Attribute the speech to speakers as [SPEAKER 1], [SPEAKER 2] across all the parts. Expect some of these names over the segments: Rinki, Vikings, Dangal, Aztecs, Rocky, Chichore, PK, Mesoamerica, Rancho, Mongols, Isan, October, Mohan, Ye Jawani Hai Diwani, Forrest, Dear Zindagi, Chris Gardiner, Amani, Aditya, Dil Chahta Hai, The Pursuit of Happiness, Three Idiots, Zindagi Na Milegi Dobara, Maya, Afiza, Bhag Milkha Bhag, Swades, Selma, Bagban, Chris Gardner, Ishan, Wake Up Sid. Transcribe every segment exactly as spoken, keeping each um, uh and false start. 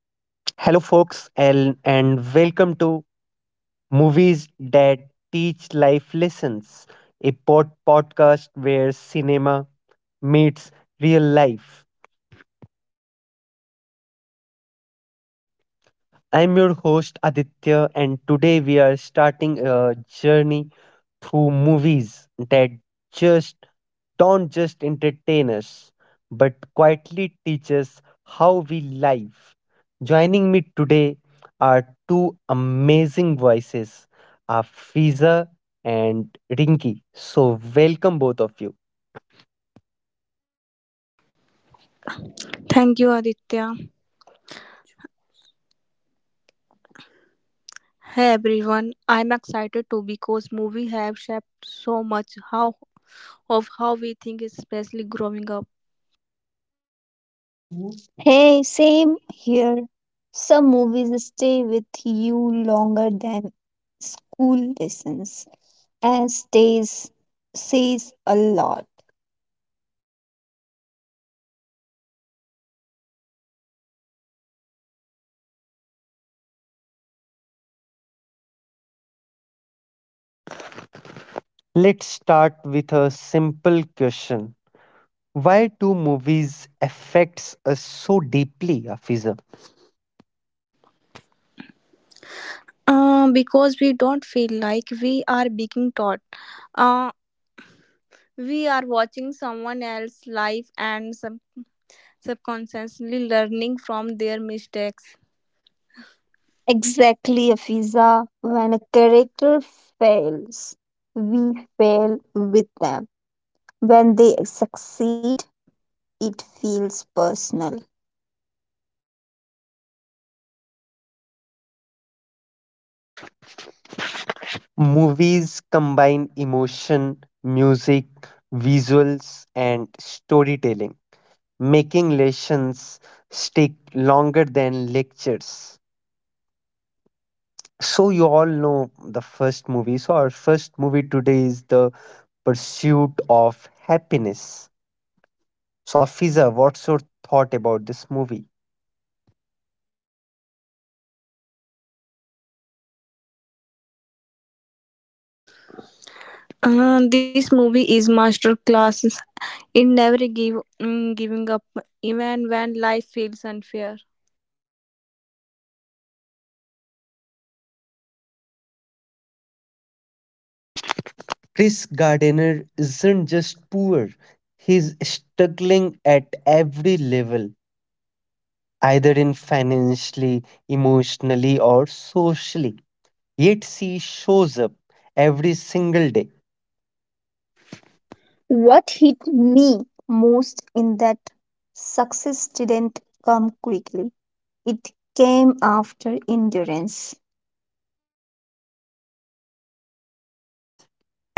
[SPEAKER 1] Hello, folks, and, and welcome to Movies That Teach Life Lessons, a pod- podcast where cinema meets real life. I'm your host Aditya, and today we are starting a journey through movies that just don't just entertain us, but quietly teach us how we live. Joining me today are two amazing voices, Afiza and Rinki. So, welcome both of you.
[SPEAKER 2] Thank you, Aditya. Hey everyone, I'm excited too because movies have shaped so much how of how we think, especially growing up.
[SPEAKER 3] Mm-hmm. Hey, same here. Some movies stay with you longer than school lessons, and stays says a lot.
[SPEAKER 1] Let's start with a simple question. Why do movies affects us so deeply, Afiza?
[SPEAKER 2] Uh, because we don't feel like we are being taught. Uh, we are watching someone else's life and sub- subconsciously learning from their mistakes.
[SPEAKER 3] Exactly, Afiza. When a character fails, we fail with them. When they succeed, it feels personal.
[SPEAKER 1] Movies combine emotion, music, visuals, and storytelling, making lessons stick longer than lectures. So, you all know the first movie. So, our first movie today is The Pursuit of Happiness. So, Afiza, what's your thought about this movie?
[SPEAKER 2] Uh, this movie is master classes in never give mm, giving up, even when life feels unfair.
[SPEAKER 1] Chris Gardiner isn't just poor, he's struggling at every level either in financially, emotionally, or socially. Yet she shows up every single day.
[SPEAKER 3] What hit me most in that, success didn't come quickly. It came after endurance.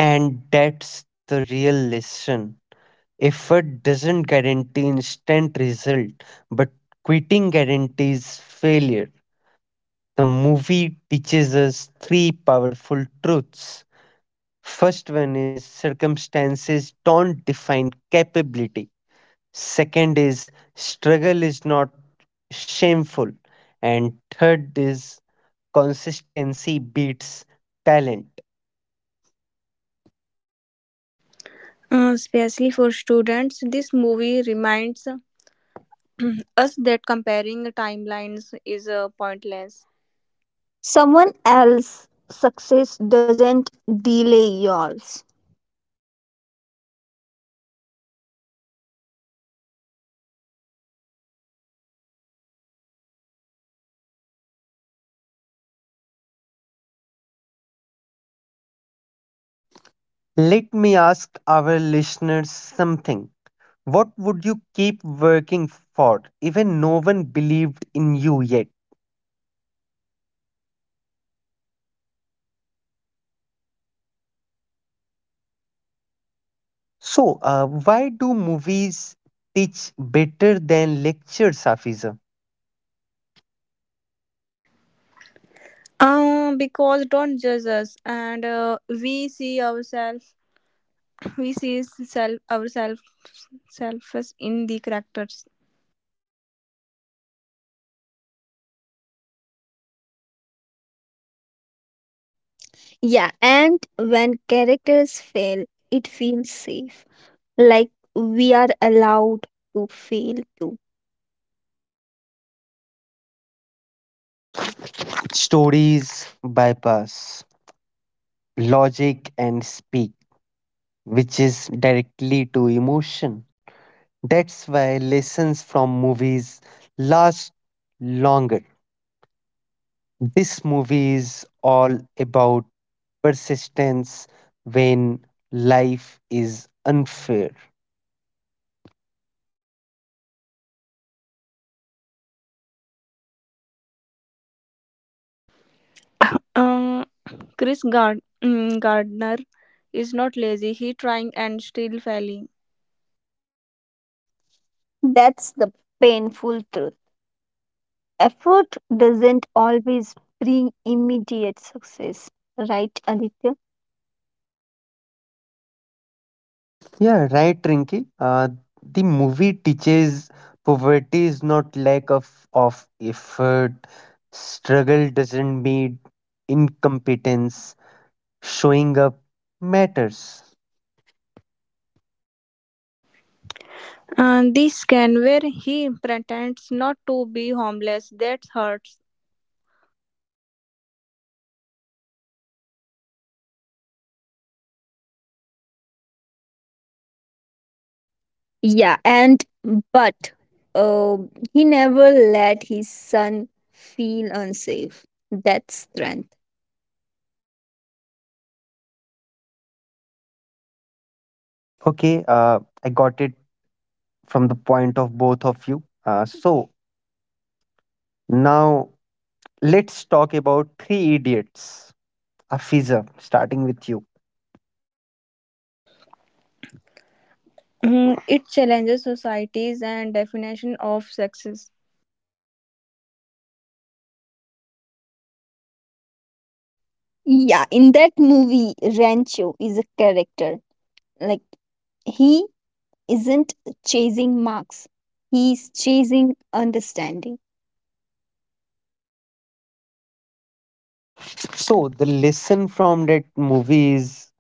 [SPEAKER 1] And that's the real lesson. Effort doesn't guarantee instant result, but quitting guarantees failure. The movie teaches us three powerful truths. First one is circumstances don't define capability. Second is struggle is not shameful. And third is consistency beats talent.
[SPEAKER 2] Uh, especially for students, this movie reminds us that comparing timelines is uh, pointless.
[SPEAKER 3] Someone else's success doesn't delay yours.
[SPEAKER 1] Let me ask our listeners something. What would you keep working for, even no one believed in you yet? So, uh, why do movies teach better than lectures, Hafiza?
[SPEAKER 2] Uh, because don't judge us, and uh, we see ourselves, we see self ourselves, selves in the characters.
[SPEAKER 3] Yeah, and when characters fail, it feels safe. Like we are allowed to fail too.
[SPEAKER 1] Stories bypass logic and speak, which is directly to emotion. That's why lessons from movies last longer. This movie is all about persistence when life is unfair.
[SPEAKER 2] Uh, Chris Gard- mm, Gardner is not lazy. He trying and still failing.
[SPEAKER 3] That's the painful truth. Effort doesn't always bring immediate success, right, Aditya?
[SPEAKER 1] Yeah, right, Rinki. Uh, the movie teaches poverty is not lack of, of effort, struggle doesn't mean incompetence, showing up matters.
[SPEAKER 2] And this can where he pretends not to be homeless. That hurts.
[SPEAKER 3] Yeah, and but uh, he never let his son feel unsafe. That's strength.
[SPEAKER 1] Okay, uh, I got it from the point of both of you. Uh, so now let's talk about Three Idiots. Afiza, starting with you.
[SPEAKER 2] Hmm, it challenges societies and definition of success.
[SPEAKER 3] Yeah, in that movie, Rancho is a character. Like, he isn't chasing marks, he's chasing understanding.
[SPEAKER 1] So the lesson from that movie is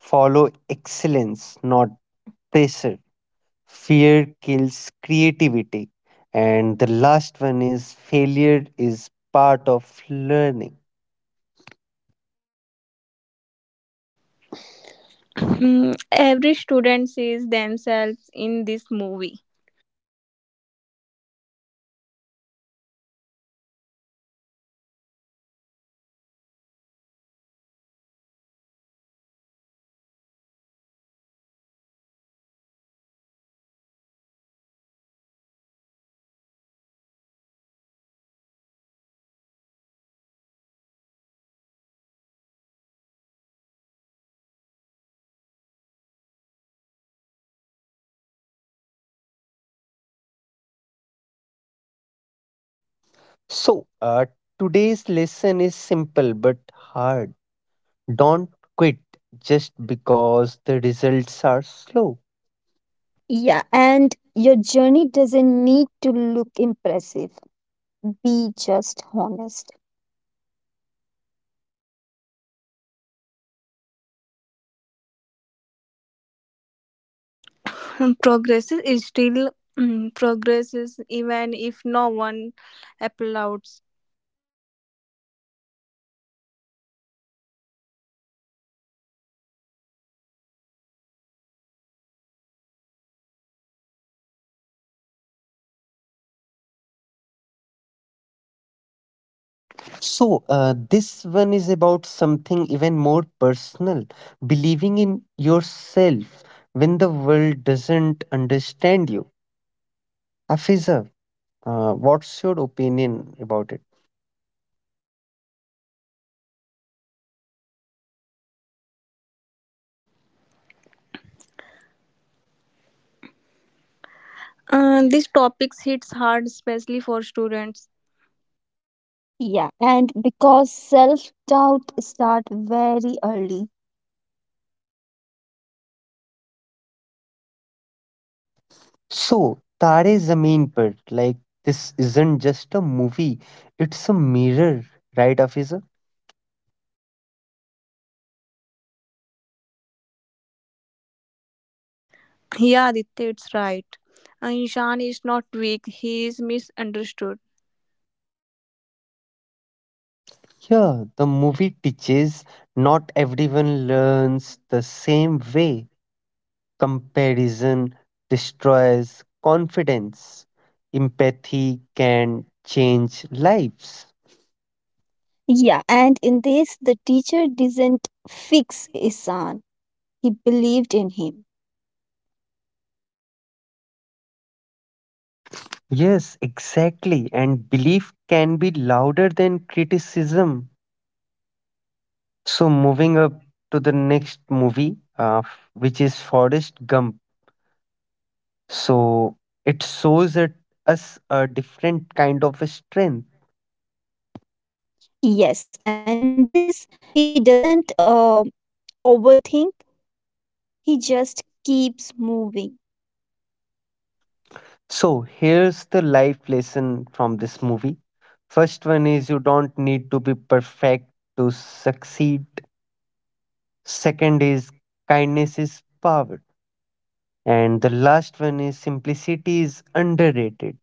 [SPEAKER 1] follow excellence, not pressure. Fear kills creativity, and the last one is failure is part of learning.
[SPEAKER 2] Hmm, every student sees themselves in this movie.
[SPEAKER 1] So uh, today's lesson is simple but hard. Don't quit just because the results are slow.
[SPEAKER 3] Yeah, and your journey doesn't need to look impressive. Be just honest.
[SPEAKER 2] Hmm, Progress is still hmm, progresses even if no one applauds.
[SPEAKER 1] So, uh, this one is about something even more personal believing in yourself when the world doesn't understand you. Afiza, uh, what's your opinion about it?
[SPEAKER 2] Uh, these topics hits hard, especially for students.
[SPEAKER 3] Yeah, and because self doubt start very early.
[SPEAKER 1] So, Tare Zameen Par, like this isn't just a movie, it's a mirror, right, Afiza?
[SPEAKER 2] Yeah, Aditya, it's right. Uh, Ishan is not weak. He is misunderstood.
[SPEAKER 1] Yeah, the movie teaches not everyone learns the same way. Comparison destroys confidence. Empathy can change lives.
[SPEAKER 3] Yeah, and in this, the teacher didn't fix Isan. He believed in him.
[SPEAKER 1] Yes, exactly. And belief can be louder than criticism. So, moving up to the next movie, uh, which is Forrest Gump. So, it shows it, us a different kind of strength.
[SPEAKER 3] Yes, and in this, he doesn't uh, overthink. He just keeps moving.
[SPEAKER 1] So here's the life lesson from this movie. First one is you don't need to be perfect to succeed. Second is kindness is power. And the last one is simplicity is underrated.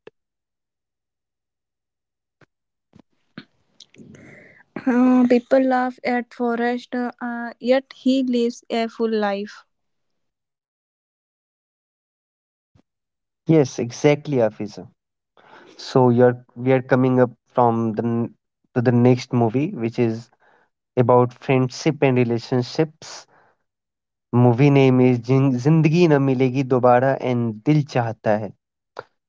[SPEAKER 2] Uh, people laugh at Forrest, uh, uh, yet he lives a full life.
[SPEAKER 1] Yes, exactly, Afisa. So you're we are coming up from the n- to the next movie, which is about friendship and relationships. Movie name is Jin- Zindagi Na Milegi Dobara and Dil Chahta Hai.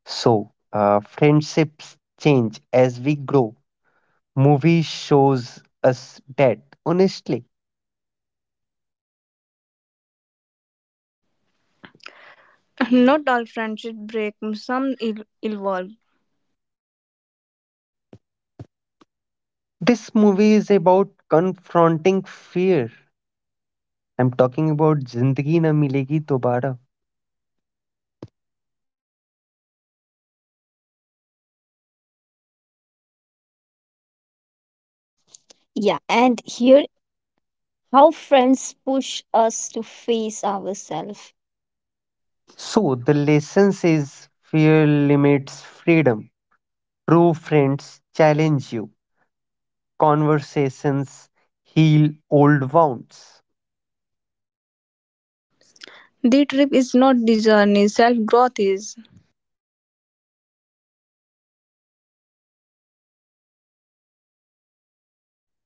[SPEAKER 1] So, uh, friendships change as we grow. Movie shows us that, honestly.
[SPEAKER 2] Not all friendships break, some el- evolve.
[SPEAKER 1] This movie is about confronting fear. I'm talking about Zindagi Na Milegi Dobara.
[SPEAKER 3] Yeah, and here, how friends push us to face ourselves.
[SPEAKER 1] So, the lesson says fear limits freedom. True friends challenge you. Conversations heal old wounds.
[SPEAKER 2] The trip is not the journey, self growth is.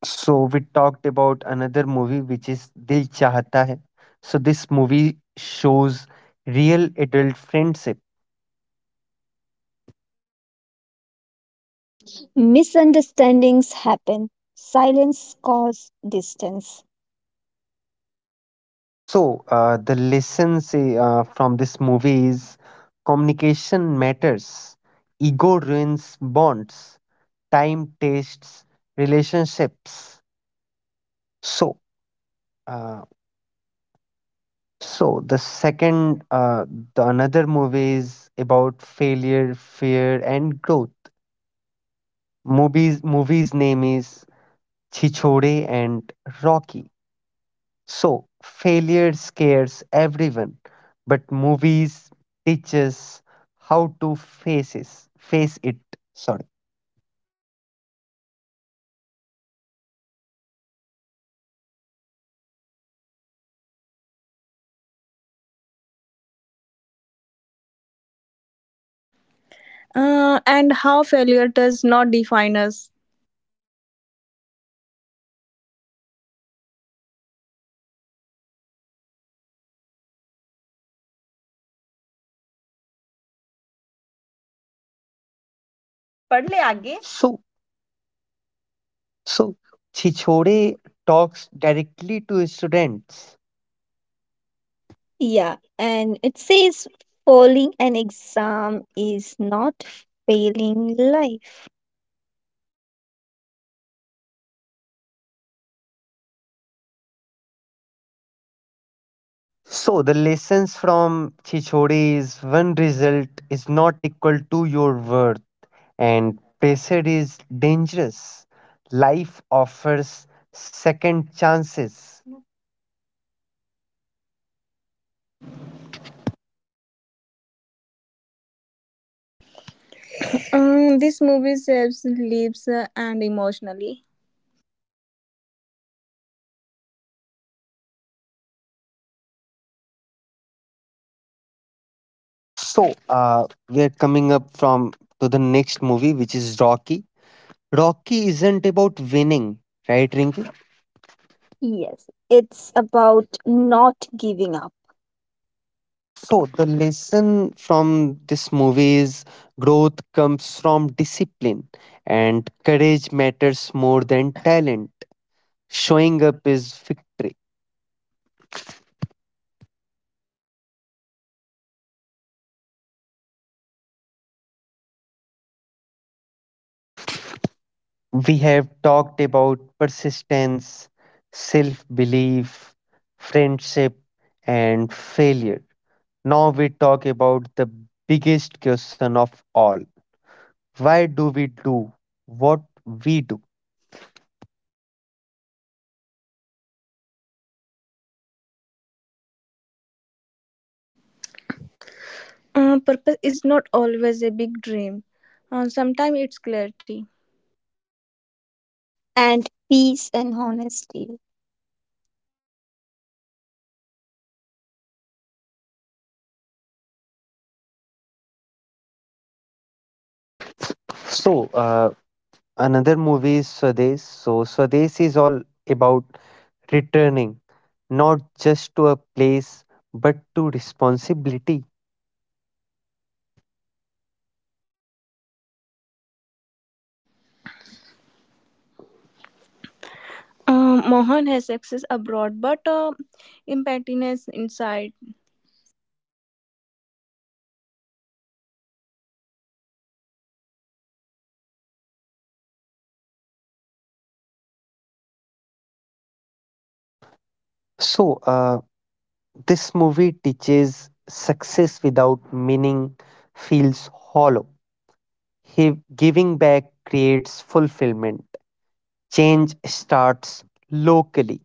[SPEAKER 1] So we talked about another movie which is Dil Chahta Hai. So this movie shows real adult friendship.
[SPEAKER 3] Misunderstandings happen, silence causes distance.
[SPEAKER 1] So uh, the lessons uh, from this movie is communication matters, ego ruins bonds, time tastes relationships. So uh, so the second uh, the another movie is about failure, fear, and growth. Movies movie's name is Chichore and Rocky. So, failure scares everyone, but movies teaches how to face it. Face it. Sorry.
[SPEAKER 2] Uh, and how failure does not define us.
[SPEAKER 1] पढ़ ले आगे So, so Chichore talks directly to students.
[SPEAKER 3] Yeah, and it says, falling an exam is not failing life.
[SPEAKER 1] So, the lessons from Chichore is one result is not equal to your worth, and pressure is dangerous. Life offers second chances.
[SPEAKER 2] Um, this movie saves lives uh, and emotionally.
[SPEAKER 1] So, uh, we are coming up from to the next movie, which is Rocky. Rocky isn't about winning, right, Rinki?
[SPEAKER 3] Yes, it's about not giving up,
[SPEAKER 1] So, the lesson from this movie is growth comes from discipline, and courage matters more than talent. Showing up is victory. We have talked about persistence, self belief, friendship, and failure. Now we talk about the biggest question of all. Why do we do what we do?
[SPEAKER 2] Uh, purpose is not always a big dream, uh, sometimes it's clarity.
[SPEAKER 3] and peace and honesty.
[SPEAKER 1] So, uh, another movie is Swades. So, Swades is all about returning not just to a place but to responsibility.
[SPEAKER 2] Uh, Mohan has success abroad, but uh, impertinence inside.
[SPEAKER 1] So, uh, this movie teaches success without meaning feels hollow. He- giving back creates fulfillment. Change starts locally.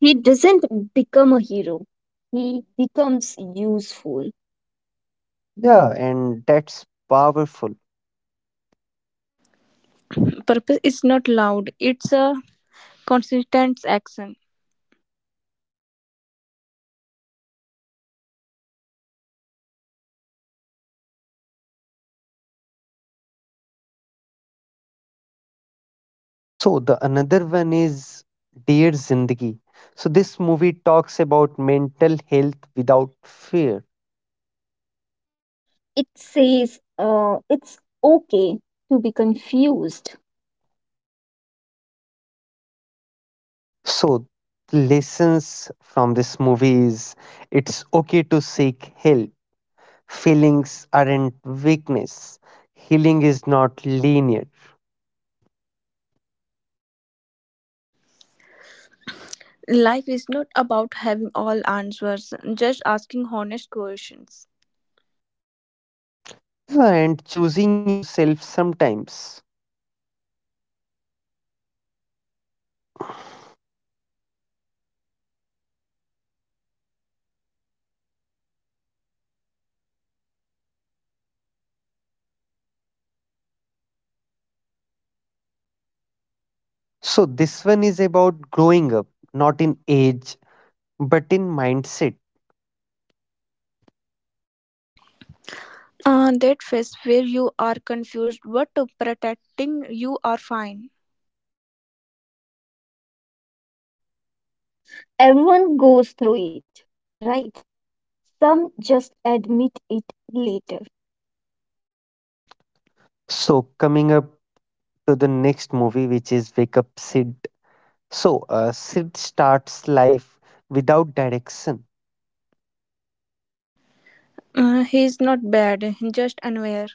[SPEAKER 3] He doesn't become a hero, he becomes useful.
[SPEAKER 1] Yeah, and that's powerful.
[SPEAKER 2] Purpose is not loud, it's a consistent action.
[SPEAKER 1] So the another one is Dear Zindagi. So this movie talks about mental health without fear.
[SPEAKER 3] It says uh, it's okay to be confused.
[SPEAKER 1] So lessons from this movie is it's okay to seek help. Feelings aren't weakness. Healing is not linear.
[SPEAKER 2] Life is not about having all answers, just asking honest questions.
[SPEAKER 1] Yeah, and choosing yourself sometimes. So this one is about growing up, not in age, but in mindset.
[SPEAKER 2] Uh, that phase where you are confused but protecting you are fine.
[SPEAKER 3] Everyone goes through it, right? Some just admit it later.
[SPEAKER 1] So coming up to the next movie, which is Wake Up Sid. So, uh, Sid starts life without direction.
[SPEAKER 2] Uh, he is not bad, just unaware.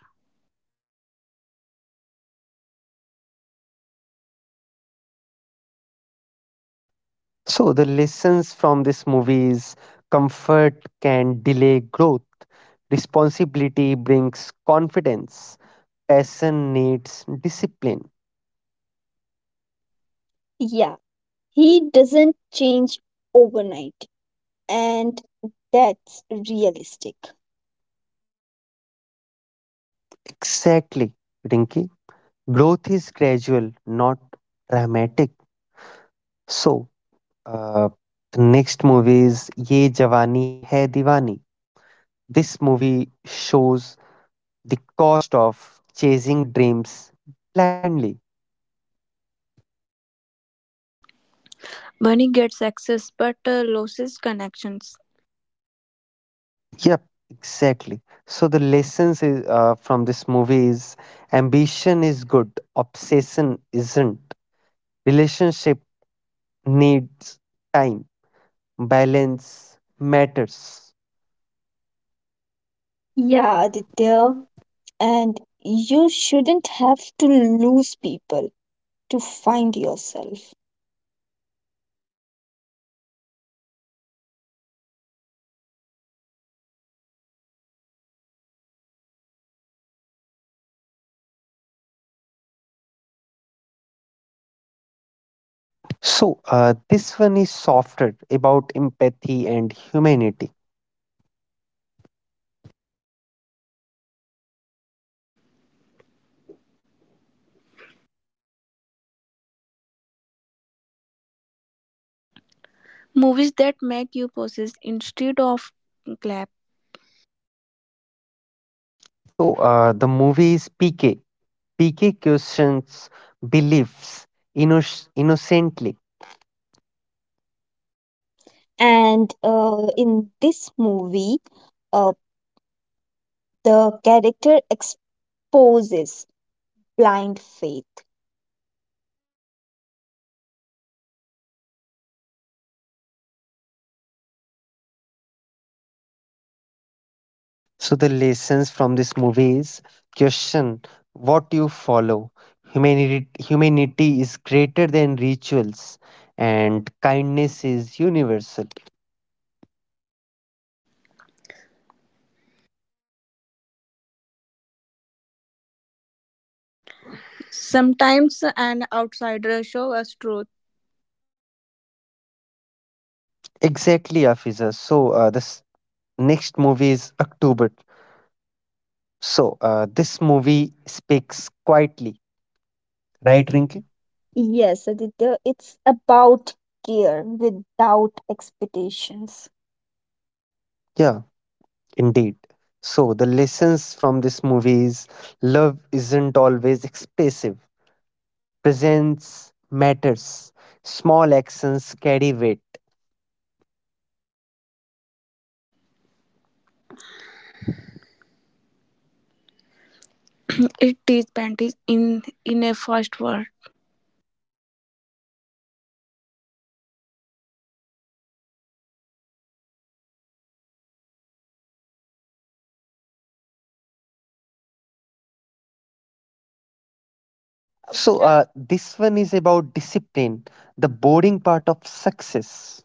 [SPEAKER 1] So, the lessons from this movie is comfort can delay growth, responsibility brings confidence, passion needs discipline.
[SPEAKER 3] Yeah, he doesn't change overnight, and that's realistic.
[SPEAKER 1] Exactly, Rinki. Growth is gradual, not dramatic. So, uh, the next movie is Ye Jawani Hai Diwani. This movie shows the cost of chasing dreams blindly.
[SPEAKER 2] Money gets access but uh, loses connections.
[SPEAKER 1] Yep, exactly. So the lessons is, uh, from this movie is ambition is good, obsession isn't. Relationship needs time, balance matters. Yeah,
[SPEAKER 3] Yeah, Aditya.
[SPEAKER 1] Aditya.
[SPEAKER 3] And you shouldn't have to lose people to find yourself.
[SPEAKER 1] So uh, this one is softer about empathy and humanity.
[SPEAKER 2] Movies that make you possess instead of clap.
[SPEAKER 1] So uh, the movie is P K. P K questions beliefs inno- innocently.
[SPEAKER 3] And uh, in this movie, uh, the character exposes blind faith.
[SPEAKER 1] So the lessons from this movie is question what you follow. Humanity, humanity is greater than rituals, and kindness is universal.
[SPEAKER 2] Sometimes an outsider shows us truth.
[SPEAKER 1] Exactly, Afiza. So uh, this next movie is October. So uh, this movie speaks quietly, right,
[SPEAKER 3] Right, Rinki?
[SPEAKER 1] Rinki?
[SPEAKER 3] Yes, Aditya, it's about care without expectations.
[SPEAKER 1] Yeah, indeed. So the lessons from this movie is love isn't always expressive. Presence matters. Small actions carry weight.
[SPEAKER 2] It is panties in in a first world.
[SPEAKER 1] So, uh, this one is about discipline, the boring part of success.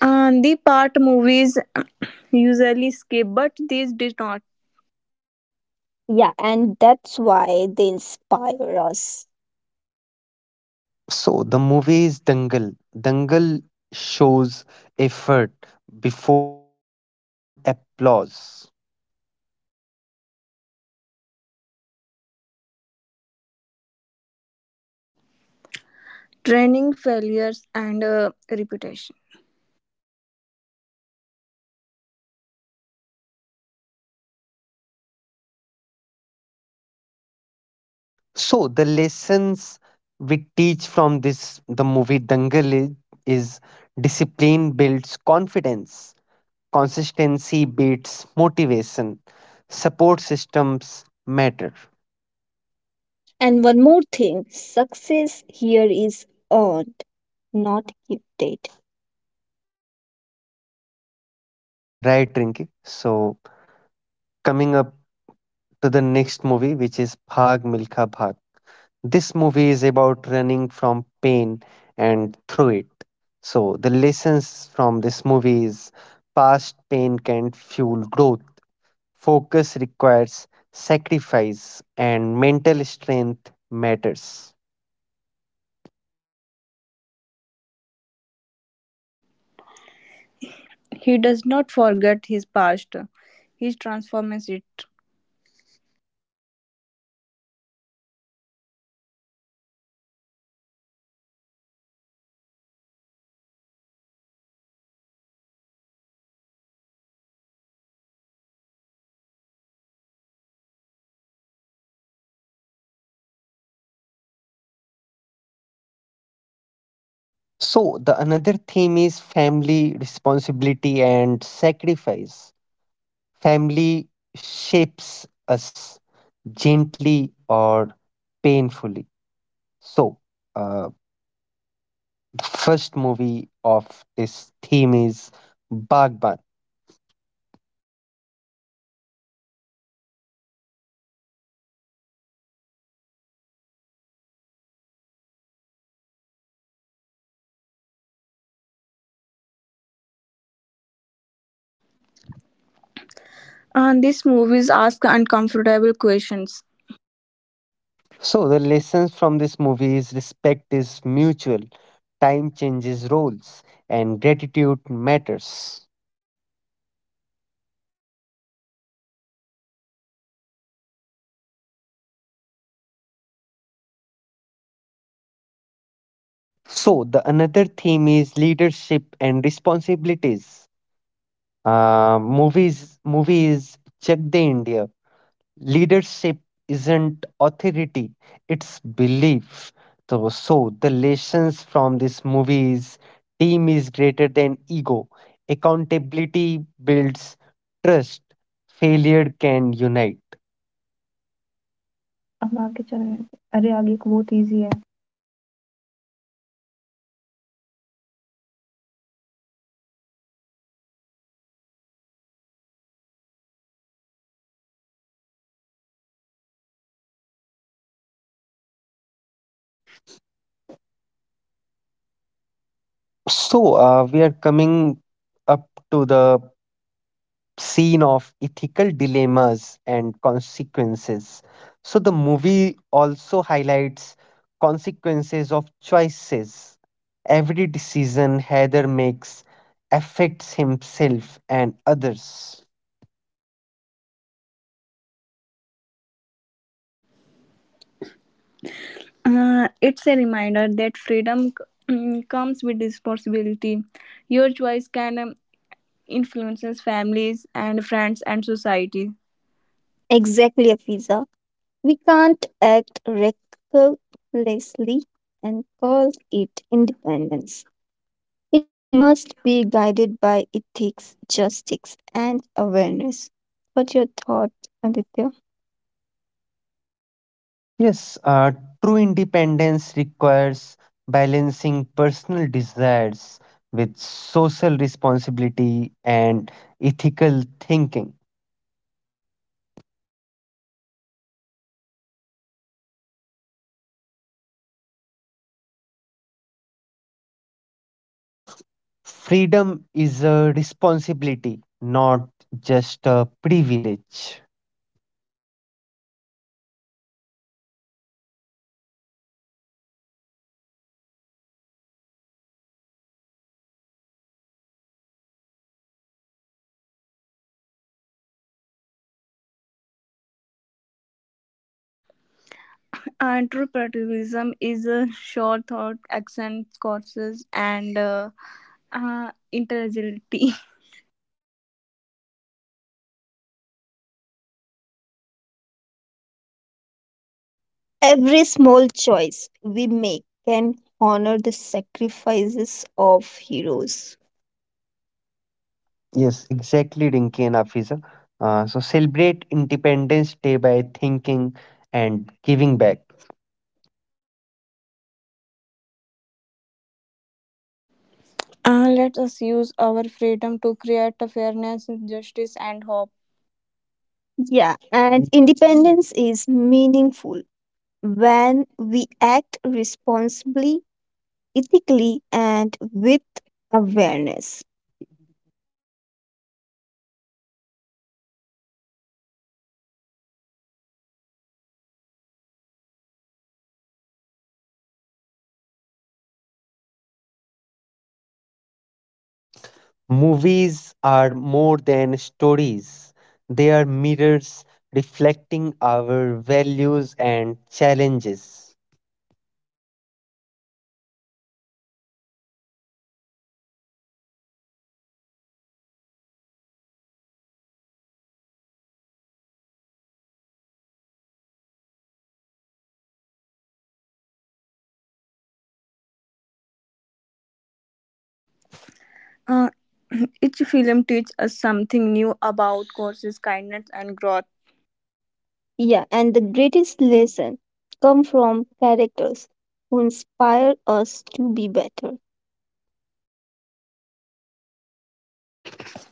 [SPEAKER 2] Uh, the part movies usually escape, but these did not,
[SPEAKER 3] Yeah, and that's why they inspire us.
[SPEAKER 1] So, the movie is Dangal. Dangal shows effort before applause.
[SPEAKER 2] training failures and uh, reputation.
[SPEAKER 1] So, the lessons we teach from this, the movie Dangal is, is discipline builds confidence, consistency beats motivation, support systems matter.
[SPEAKER 3] And one more thing, success here is earned, not gifted.
[SPEAKER 1] Yeah, right, Rinki. So, coming up to the next movie, which is Bhag Milkha Bhag. This movie is about running from pain and through it. So, the lessons from this movie is past pain can fuel growth. Focus requires sacrifice and mental strength matters.
[SPEAKER 2] He does not forget his past, he transforms it.
[SPEAKER 1] So, the another theme is family responsibility and sacrifice. Family shapes us gently or painfully. So, uh, the first movie of this theme is Bagban.
[SPEAKER 2] And these movies ask uncomfortable questions.
[SPEAKER 1] So, the lessons from this movie is respect is mutual, time changes roles, and gratitude matters. So, the another theme is leadership and responsibilities. Uh, movies, movie is Chak De India. Leadership isn't authority, it's belief. So, so the lessons from this movie is team is greater than ego. Accountability builds trust. Failure can unite. अब आगे चलें अरे आगे एक बहुत easy है So uh, we are coming up to the scene of ethical dilemmas and consequences. So the movie also highlights consequences of choices. Every decision Heather makes affects himself and others.
[SPEAKER 2] Uh, it's a reminder that freedom mm, comes with responsibility. Your choice can um, influence families and friends and society.
[SPEAKER 3] Exactly, Afiza. We can't act recklessly and call it independence. It must be guided by ethics, justice, and awareness. What's your thought, Aditya?
[SPEAKER 1] Yes, uh, true independence requires balancing personal desires with social responsibility and ethical thinking. Correct. Freedom is a responsibility, not just a privilege.
[SPEAKER 2] And true patriotism is a short thought, action, courses, and uh, uh, intelligibility.
[SPEAKER 3] Every small choice we make can honor the sacrifices of heroes.
[SPEAKER 1] Yes, exactly, Rinki and Afiza. Uh, so celebrate Independence Day by thinking and giving back.
[SPEAKER 2] Uh, let us use our freedom to create fairness, justice, and hope.
[SPEAKER 3] Yeah, and independence is meaningful when we act responsibly, ethically, and with awareness.
[SPEAKER 1] Movies are more than stories, they are mirrors reflecting our values and challenges.
[SPEAKER 2] Uh, each film teaches us something new about courses, kindness, and growth.
[SPEAKER 3] Yeah, and the greatest lesson come from characters who inspire us to be better.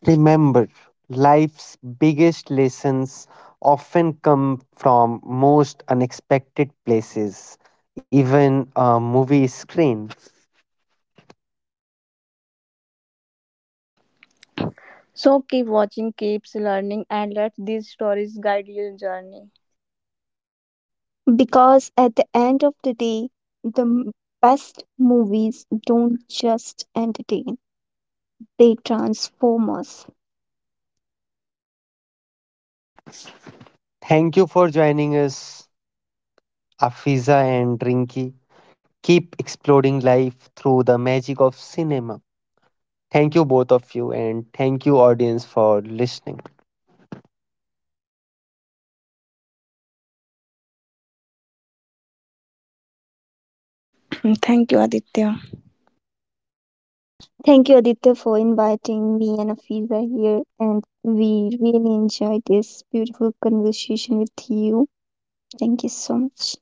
[SPEAKER 1] Remember, life's biggest lessons often come from most unexpected places, even a movie screen.
[SPEAKER 2] So keep watching, keeps learning, and let these stories guide your journey.
[SPEAKER 3] Because at the end of the day, the m- best movies don't just entertain, they transform us.
[SPEAKER 1] Thank you for joining us, Afiza and Rinki. Keep exploring life through the magic of cinema. Thank you, both of you, and thank you, audience, for listening.
[SPEAKER 2] Thank you, Aditya.
[SPEAKER 3] Thank you, Aditya, for inviting me and Afiza here, and we really enjoyed this beautiful conversation with you. Thank you so much.